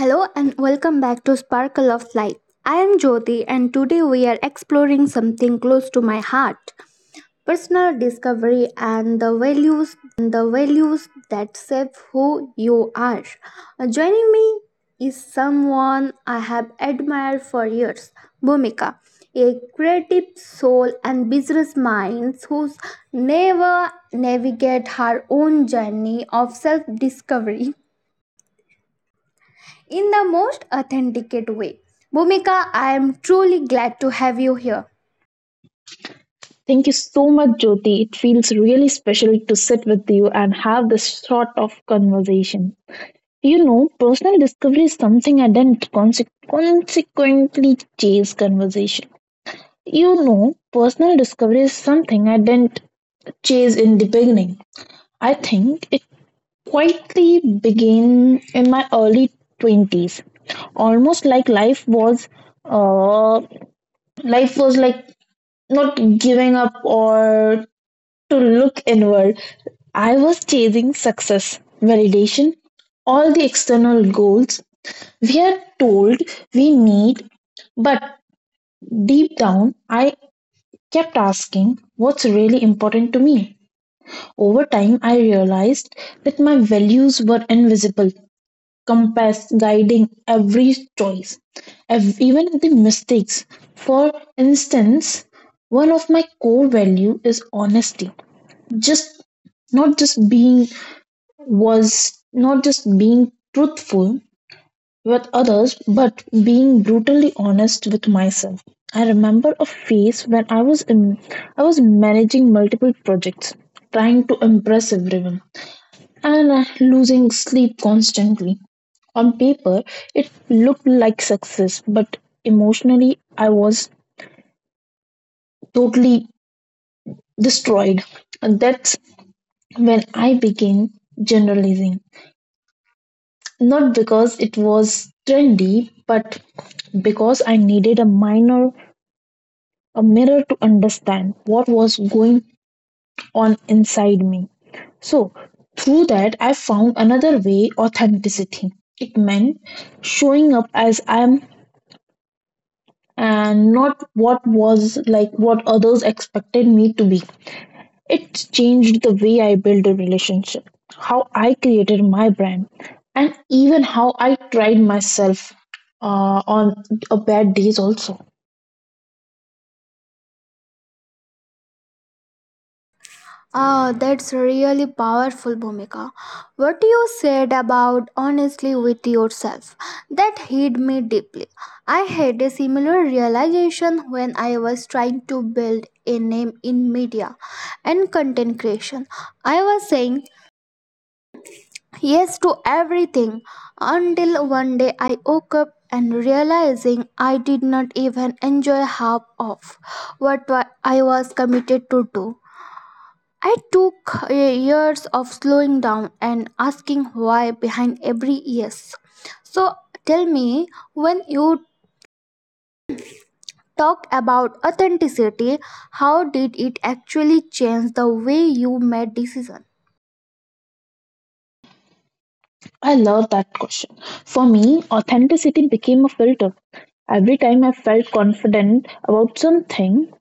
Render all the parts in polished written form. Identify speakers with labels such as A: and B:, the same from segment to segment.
A: Hello and welcome back to Sparkle of Life. I am Jyoti and today we are exploring something close to my heart, personal discovery and the values that shape who you are. Joining me is someone I have admired for years, Bhumika, a creative soul and business mind who's never navigate her own journey of self discovery in the most authenticate way. Bhumika, I am truly glad to have you here.
B: Thank you so much, Jyoti. It feels really special to sit with you and have this sort of conversation. Personal discovery is something I didn't consequently chase conversation. Personal discovery is something I didn't chase in the beginning. I think it quietly began in my early 20s, almost like uh, life was like not giving up or to look inward. I was chasing success, validation, all the external goals we are told we need, but deep down, I kept asking what's really important to me. Over time, I realized that my values were invisible, compass guiding every choice, even the mistakes. For instance, one of my core value is honesty. Just not just being was not just being truthful with others, but being brutally honest with myself. I remember a phase when I was managing multiple projects, trying to impress everyone and losing sleep constantly. On paper it looked like success, but emotionally I was totally destroyed, and that's when I began generalizing. Not because it was trendy, but because I needed a minor a mirror to understand what was going on inside me. So, through that, I found another way: authenticity. It meant showing up as I am, and not what was like what others expected me to be. It changed the way I built a relationship, how I created my brand, and even how I tried myself on a bad days also.
A: Ah, that's really powerful, Bhumika. What you said about honestly with yourself, that hit me deeply. I had a similar realization when I was trying to build a name in media and content creation. I was saying yes to everything until one day I woke up and realizing I did not even enjoy half of what I was committed to do. I took years of slowing down and asking why behind every yes. So tell me, when you talk about authenticity, how did it actually change the way you made decisions?
B: I love that question. For me, authenticity became a filter. Every time I felt confident about something,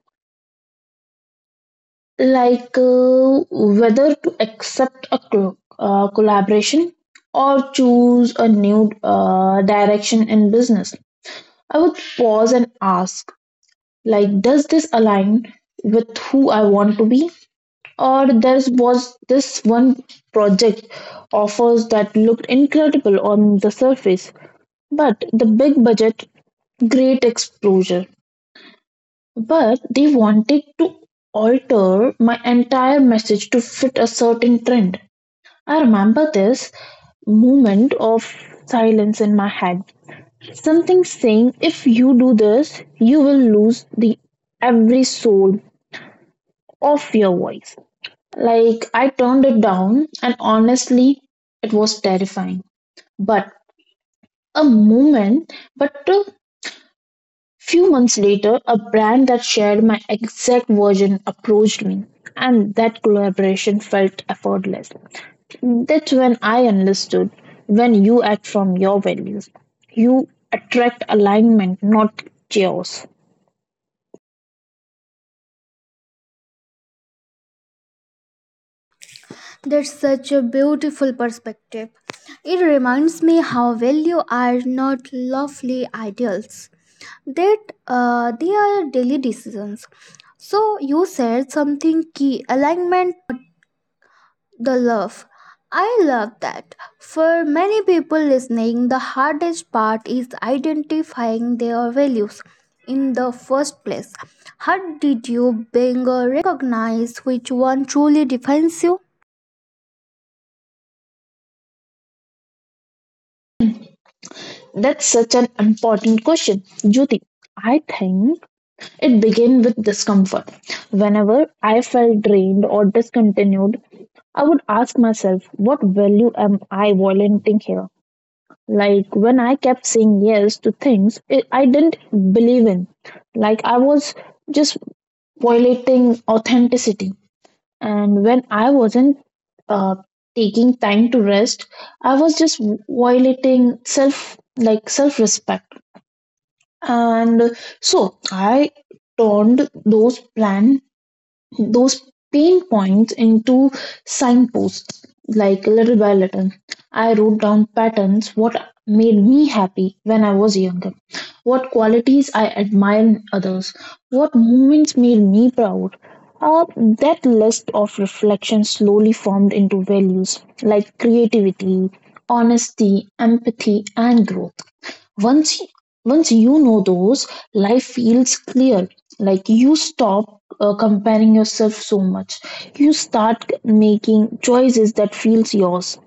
B: like whether to accept a collaboration or choose a new direction in business, I would pause and ask, like, does this align with who I want to be? Or there was this one project offers that looked incredible on the surface, but the big budget, great exposure, but they wanted to alter my entire message to fit a certain trend. I remember this moment of silence in my head, something saying, if you do this, you will lose the every soul of your voice. Like, I turned it down, and honestly, it was terrifying. But but a few months later, a brand that shared my exact version approached me, and that collaboration felt effortless. That's when I understood, when you act from your values, you attract alignment, not chaos.
A: That's such a beautiful perspective. It reminds me how value are not lovely ideals, that they are daily decisions. So, you said something key, alignment, not the love. I love that. For many people listening, the hardest part is identifying their values in the first place. How did you being recognize which one truly defines you?
B: That's such an important question, Jyoti. I think it began with discomfort. Whenever I felt drained or discontinued, I would ask myself, what value am I volunteering here? Like when I kept saying yes to things I didn't believe in, like I was just violating authenticity. And when I wasn't uh, taking time to rest, I was just violating self respect. And so I turned those plans those pain points into signposts. Like little by little I wrote down patterns: what made me happy when I was younger, what qualities I admire in others, what moments made me proud. Uh, that list of reflections slowly formed into values like creativity, honesty, empathy, and growth. Once once you know those, life feels clear. Like you stop comparing yourself so much. You start making choices that feels yours.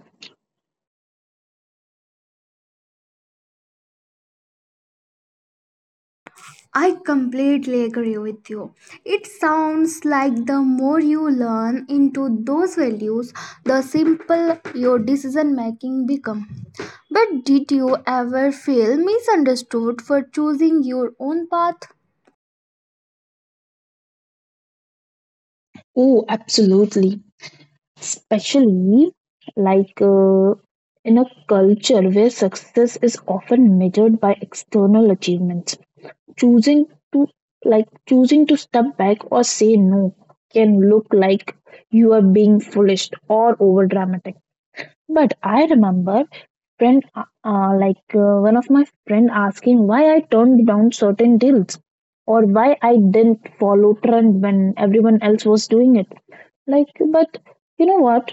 A: I completely agree with you. It sounds like the more you learn into those values, the simple your decision making become. But did you ever feel misunderstood for choosing your own path?
B: Oh absolutely, especially like in a culture where success is often measured by external achievements. choosing to choosing to step back or say no can look like you are being foolish or over dramatic. But I remember friend, like one of my friend asking why I turned down certain deals or why I didn't follow trend when everyone else was doing it. Like, but you know what?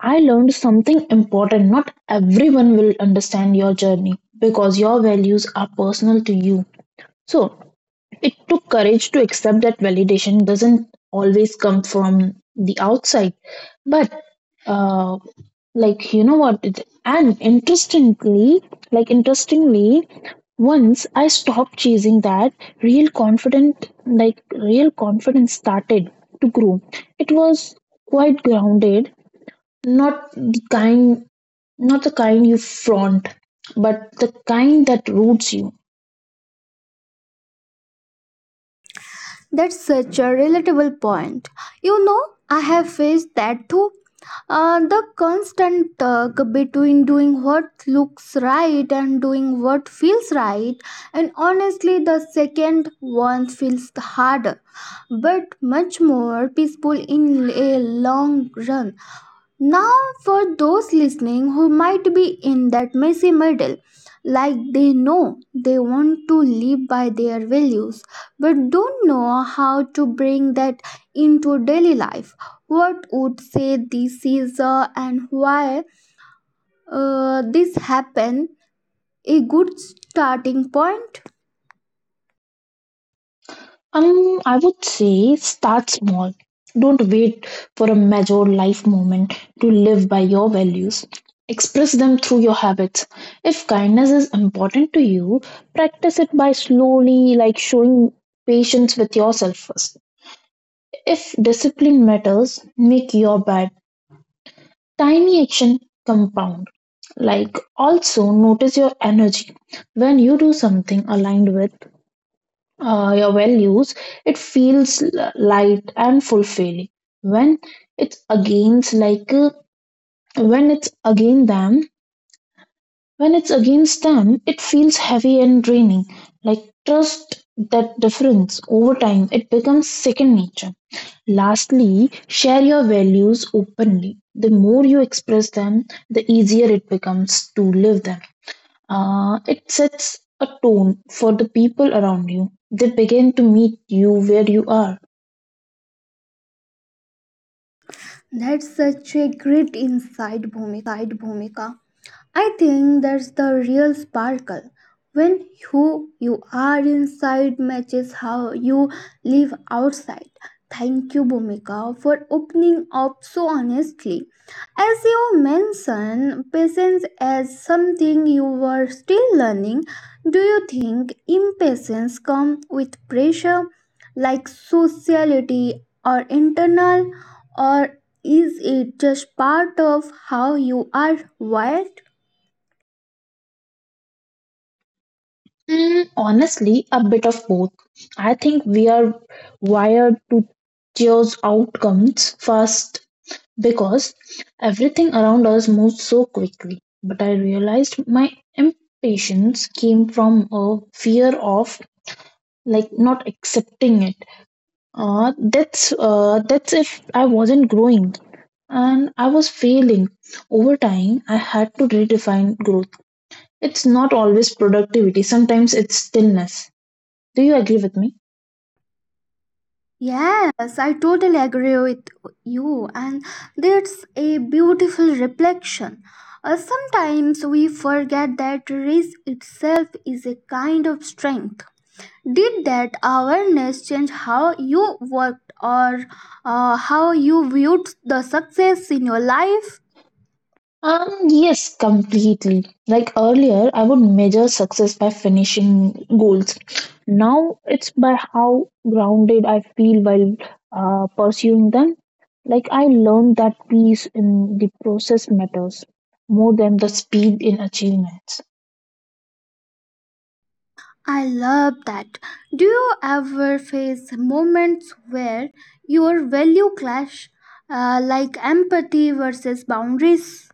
B: I learned something important. Not everyone will understand your journey because your values are personal to you. So it took courage to accept that validation doesn't always come from the outside, but uh, you know what, and interestingly, once I stopped chasing that, real confident like real confidence started to grow. It was quite grounded, not the kind not the kind you flaunt, but the kind that roots you.
A: That's such a relatable point. You know, I have faced that too. The constant tug between doing what looks right and doing what feels right, and honestly, the second one feels harder, but much more peaceful in a long run. Now, for those listening who might be in that messy middle, like they know they want to live by their values but don't know how to bring that into daily life, what would say this is and why this happened a good starting point?
B: I would say start small. Don't wait for a major life moment to live by your values. Express them through your habits. If kindness is important to you, practice it by slowly, like showing patience with yourself first. If discipline matters, make your bed. Tiny action compound. Like also notice your energy. When you do something aligned with your values, it feels light and fulfilling. When it's against, like when it's against them, when it's against them, it feels heavy and draining. Like trust that difference. Over time, it becomes second nature. Lastly, share your values openly. The more you express them, the easier it becomes to live them. It sets a tone for the people around you. They begin to meet you where you are.
A: That's such a great insight, Bhumika. I think that's the real sparkle. When who you are inside matches how you live outside. Thank you, Bhumika, for opening up so honestly. As you mentioned, patience as something you were still learning. Do you think impatience comes with pressure, like sociality or internal, or is it just part of how you are wired?
B: Mm, honestly, a bit of both. I think we are wired to chase outcomes fast because everything around us moves so quickly. But I realized my impatience came from a fear of like not accepting it. That's if I wasn't growing, and I was failing. Over time, I had to redefine growth. It's not always productivity, sometimes it's stillness. Do you agree with me?
A: Yes, I totally agree with you, and that's a beautiful reflection. Sometimes we forget that risk itself is a kind of strength. Did that awareness change how you worked or how you viewed the success in your life?
B: Yes, completely. Like earlier, I would measure success by finishing goals. Now it's by how grounded I feel while pursuing them. Like I learned that peace in the process matters more than the speed in achievements.
A: I love that. Do you ever face moments where your value clash, like empathy versus boundaries?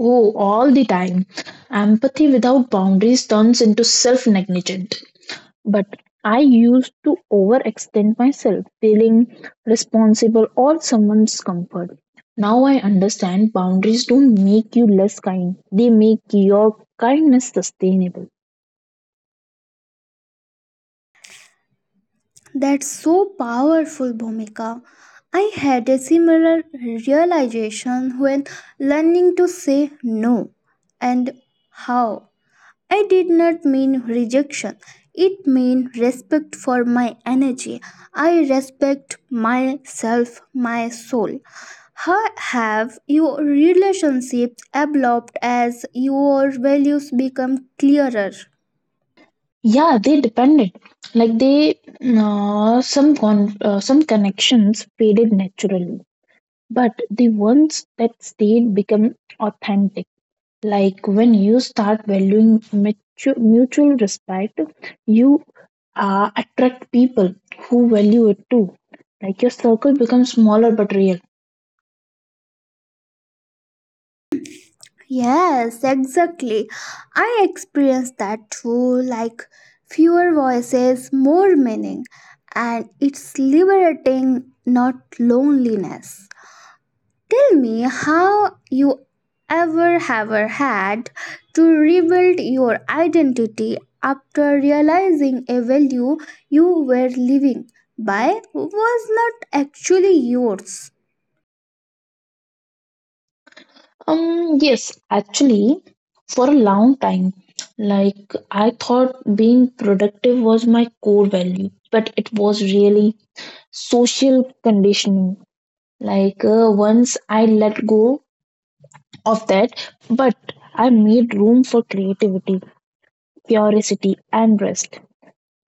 B: Oh, all the time. Empathy without boundaries turns into self negligent. But I used to overextend myself, feeling responsible or someone's comfort. Now I understand boundaries don't make you less kind, they make your kindness sustainable.
A: That's so powerful, Bhumika. I had a similar realization when learning to say no, and how. I did not mean rejection. It meant respect for my energy. I respect myself, my soul. How have your relationships evolved as your values become clearer?
B: Yeah, they depended. Like they, some connections faded naturally, but the ones that stayed become authentic. Like when you start valuing mutual respect, you attract people who value it too. Like your circle becomes smaller but real.
A: Yes, exactly. I experienced that too. Like fewer voices, more meaning, and it's liberating, not loneliness. Tell me, how you ever had to rebuild your identity after realizing a value you were living by was not actually yours.
B: Yes, actually, for a long time, like I thought being productive was my core value, but it was really social conditioning. Like once I let go of that, but I made room for creativity, curiosity, and rest.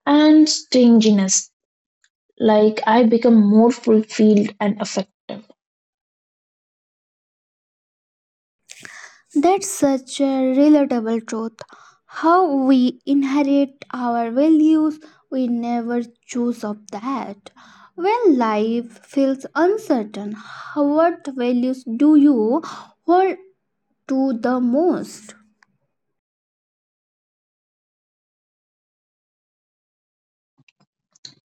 B: And stinginess. Like I become more fulfilled and effective.
A: That's such a relatable truth. How we inherit our values, we never choose of that. When life feels uncertain, what values do you hold to the most?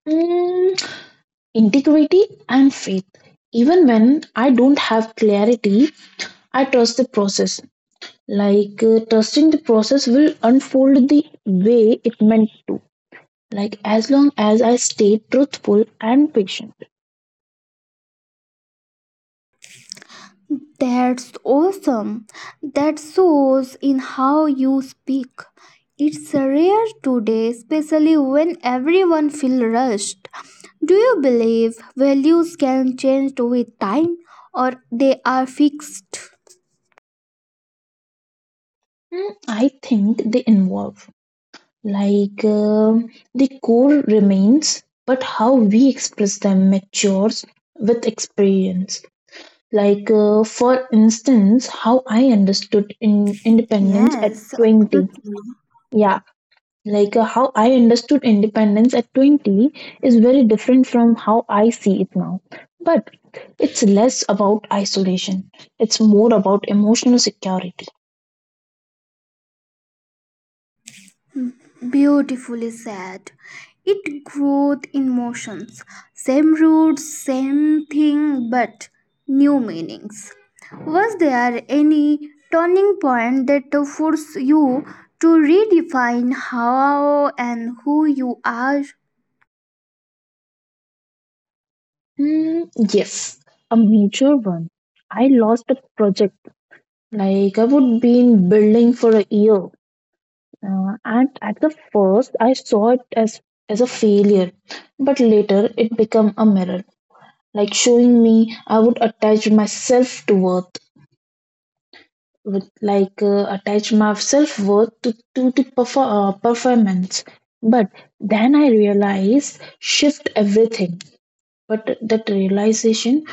B: Mm, integrity and faith. Even when I don't have clarity, I trust the process. Like trusting the process will unfold the way it meant to. Like as long as I stay truthful and patient.
A: That's awesome. That shows in how you speak. It's rare today, especially when everyone feels rushed. Do you believe values can change with time or they are fixed?
B: Mm, I think they involve. Like the core remains, but how we express them matures with experience. Like, for instance, how I understood in independence at
A: Yes,
B: 20.
A: absolutely.
B: Yeah, how I understood independence at 20 is very different from how I see it now. But it's less about isolation, it's more about emotional security.
A: Beautifully said. It growth in motions, same roots, same thing, but new meanings. Was there any turning point that forced you to redefine how and who you are?
B: Hmm, yes, a major one. I lost a project. Like, I would been building for a year. And at the first, I saw it as a failure, but later it became a mirror, like showing me I would attach my self worth to the performance. But then I realized shift everything. But that realization,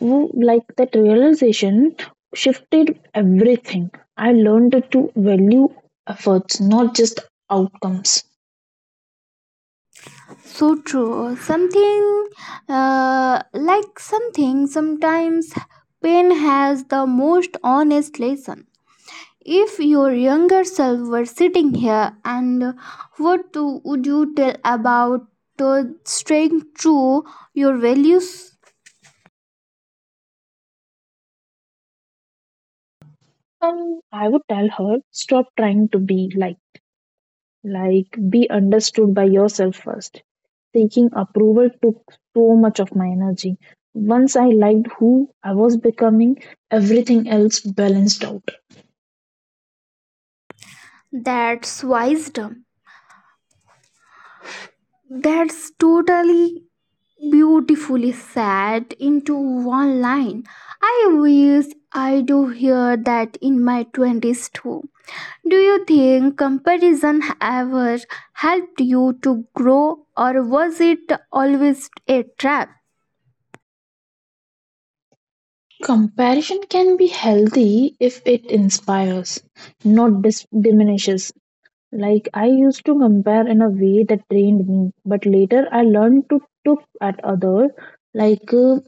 B: w- like that realization shifted everything. I learned to value efforts, not just outcomes.
A: So true. Something like something sometimes pain has the most honest lesson. If your younger self were sitting here, and what to, would you tell about staying true your values?
B: I would tell her, stop trying to be like be understood by yourself first. Seeking approval took so much of my energy. Once I liked who I was becoming, everything else balanced out.
A: That's wisdom. That's totally beautifully said into one line. I wish I do hear that in my 20s too. Do you think comparison ever helped you to grow, or was it always a trap?
B: Comparison can be healthy if it inspires, not diminishes. Like I used to compare in a way that drained me, but later I learned to look at others like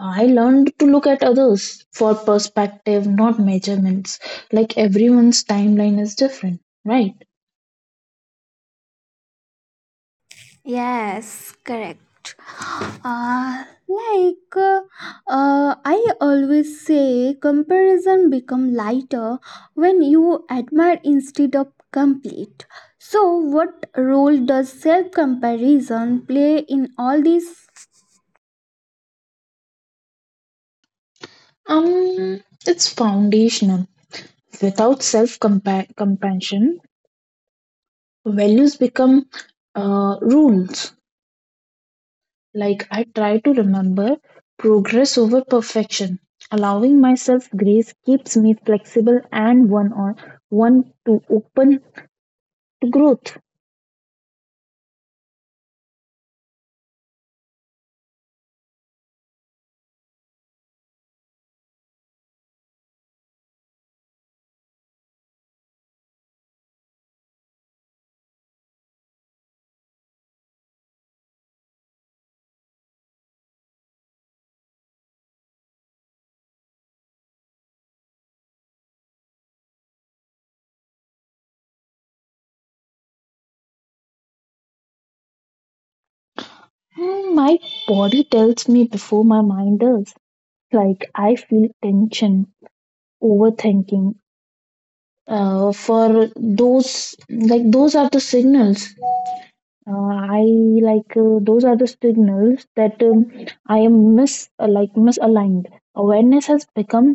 B: I learned to look at others for perspective, not measurements. Like everyone's timeline is different, right?
A: Yes, correct. Uh, like uh, I always say, comparison become lighter when you admire instead of complete. So, what role does self comparison play in all this?
B: Um, it's foundational. Without self compassion, values become rules. Like I try to remember progress over perfection. Allowing myself grace keeps me flexible and one to open to growth. Hmm, my body tells me before my mind does. Like I feel tension, overthinking. For those like Those are the signals. Uh, I like those are the signals that I am mis like misaligned. Awareness has become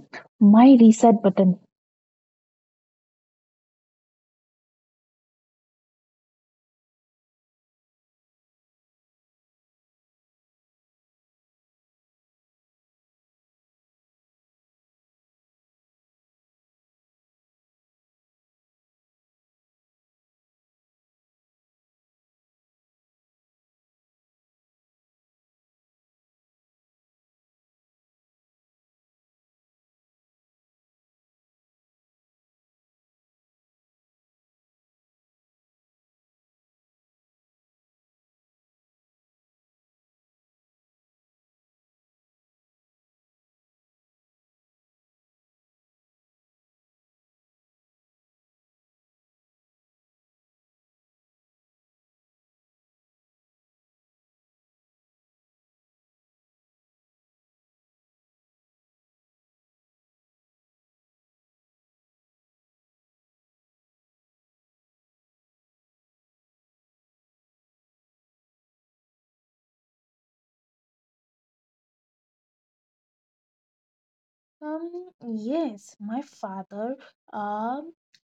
B: my reset button. Um, yes, my father. um,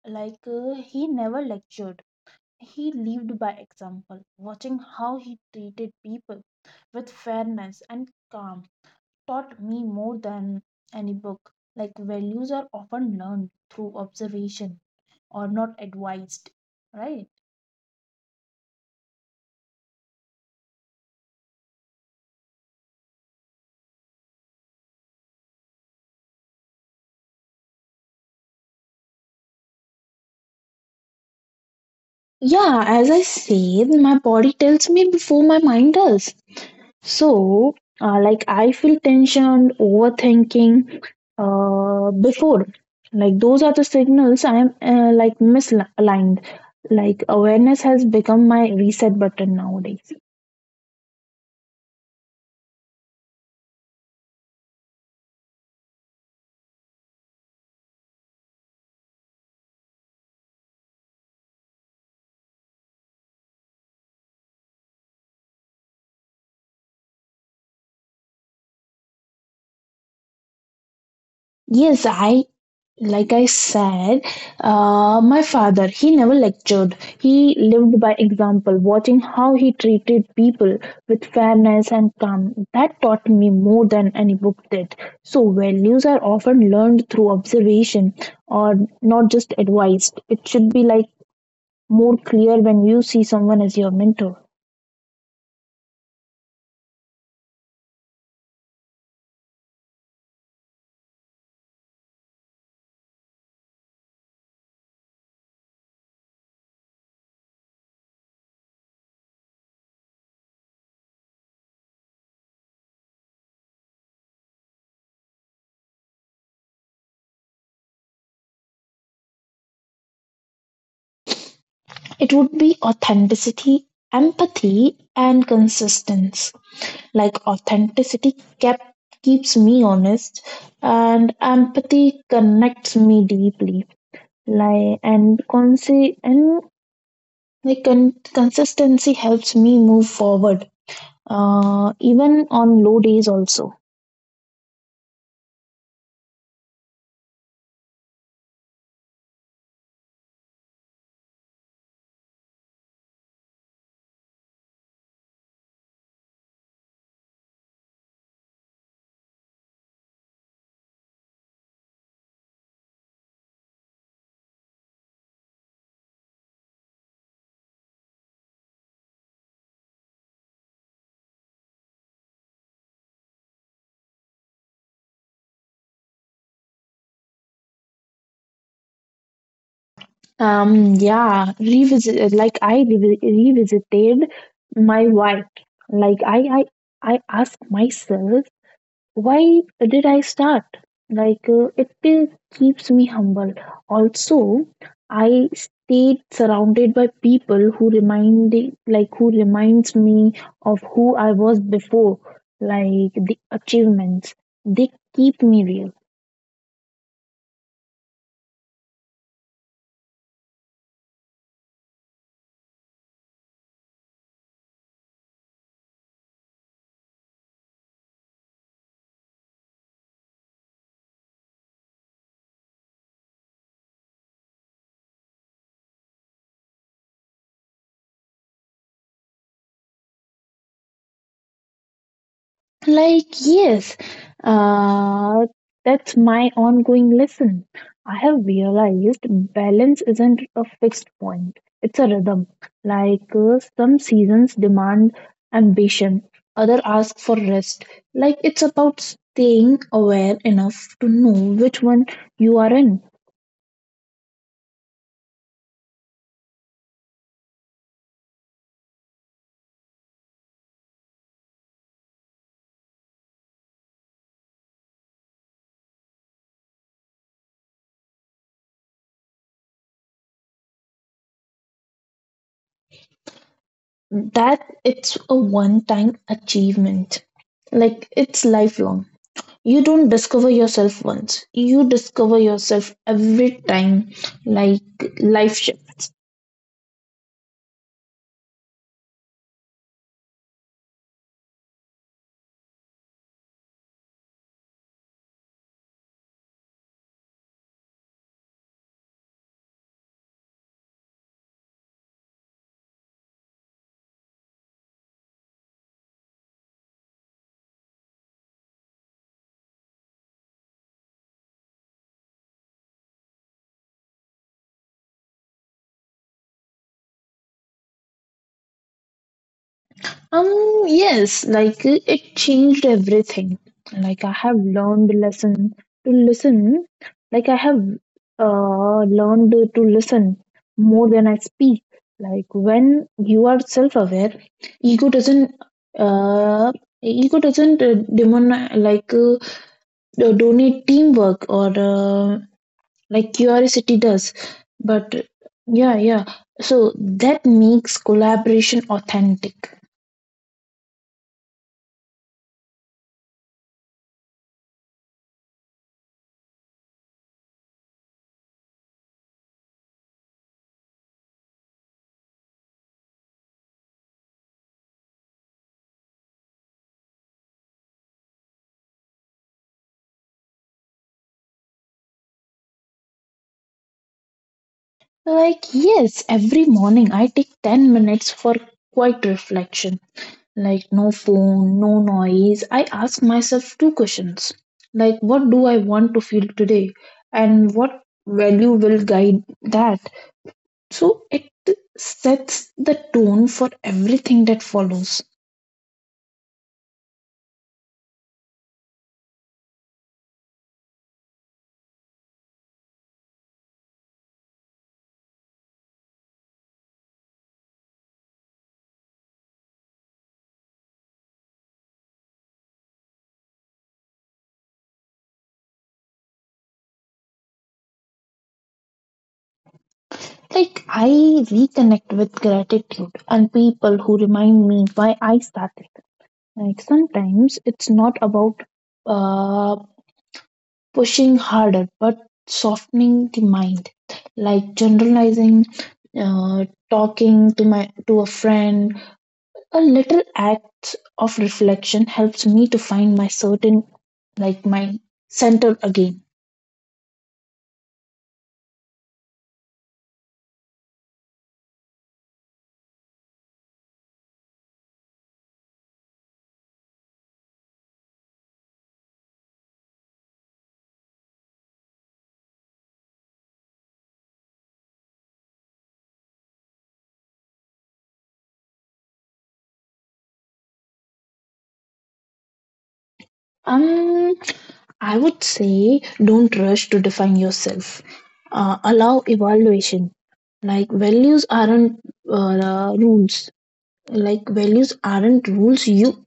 B: he never lectured. He lived by example. Watching how he treated people with fairness and calm taught me more than any book. Like values are often learned through observation or not advised, right? Yeah, as I said, my body tells me before my mind does. So, I feel tension, overthinking before. Like those are the signals I am misaligned. Like awareness has become my reset button nowadays. Yes, i like I said my father, he never lectured. He lived by example. Watching how he treated people with fairness and calm, that taught me more than any book did. So values are often learned through observation or not just advised. It should be like more clear. When you see someone as your mentor, it would be authenticity, empathy, and consistency. Like authenticity kept keeps me honest, and empathy connects me deeply. Like and consistency helps me move forward even on low days also. Yeah, revisit like I revi- revisited my why. Like I ask myself, why did I start? It keeps me humble also. I stayed surrounded by people who remind, like who reminds me of who I was before, like the achievements, they keep me real. Like, yes, uh, that's my ongoing lesson. I have realized balance isn't a fixed point, it's a rhythm. Like, some seasons demand ambition, other ask for rest. Like, it's about staying aware enough to know which one you are in. That it's a one time achievement. Like, it's lifelong. You don't discover yourself once, you discover yourself every time like life shift. um yes, like it changed everything. Like I have learned lesson to listen. I have learned to listen more than I speak. Like when you are self aware, ego doesn't uh, ego doesn't demon like donate teamwork or curiosity does. But, yeah, yeah, so that makes collaboration authentic. Like yes, every morning I take 10 minutes for quiet reflection. Like no phone, no noise. I ask myself two questions, like, what do I want to feel today, and what value will guide that? So it sets the tone for everything that follows. Like, I reconnect with gratitude and people who remind me why I started. Like, sometimes it's not about uh, pushing harder, but softening the mind. Like, generalizing, talking to my to a friend. A little act of reflection helps me to find my certain, like, my center again. Um, I would say don't rush to define yourself. Allow evaluation. Like values aren't rules. Like values aren't rules you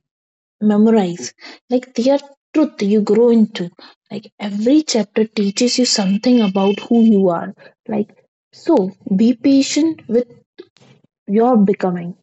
B: memorize. Like they are truth you grow into. Like every chapter teaches you something about who you are. Like so, be patient with your becoming.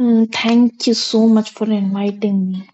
B: Mm, thank you so much for inviting me.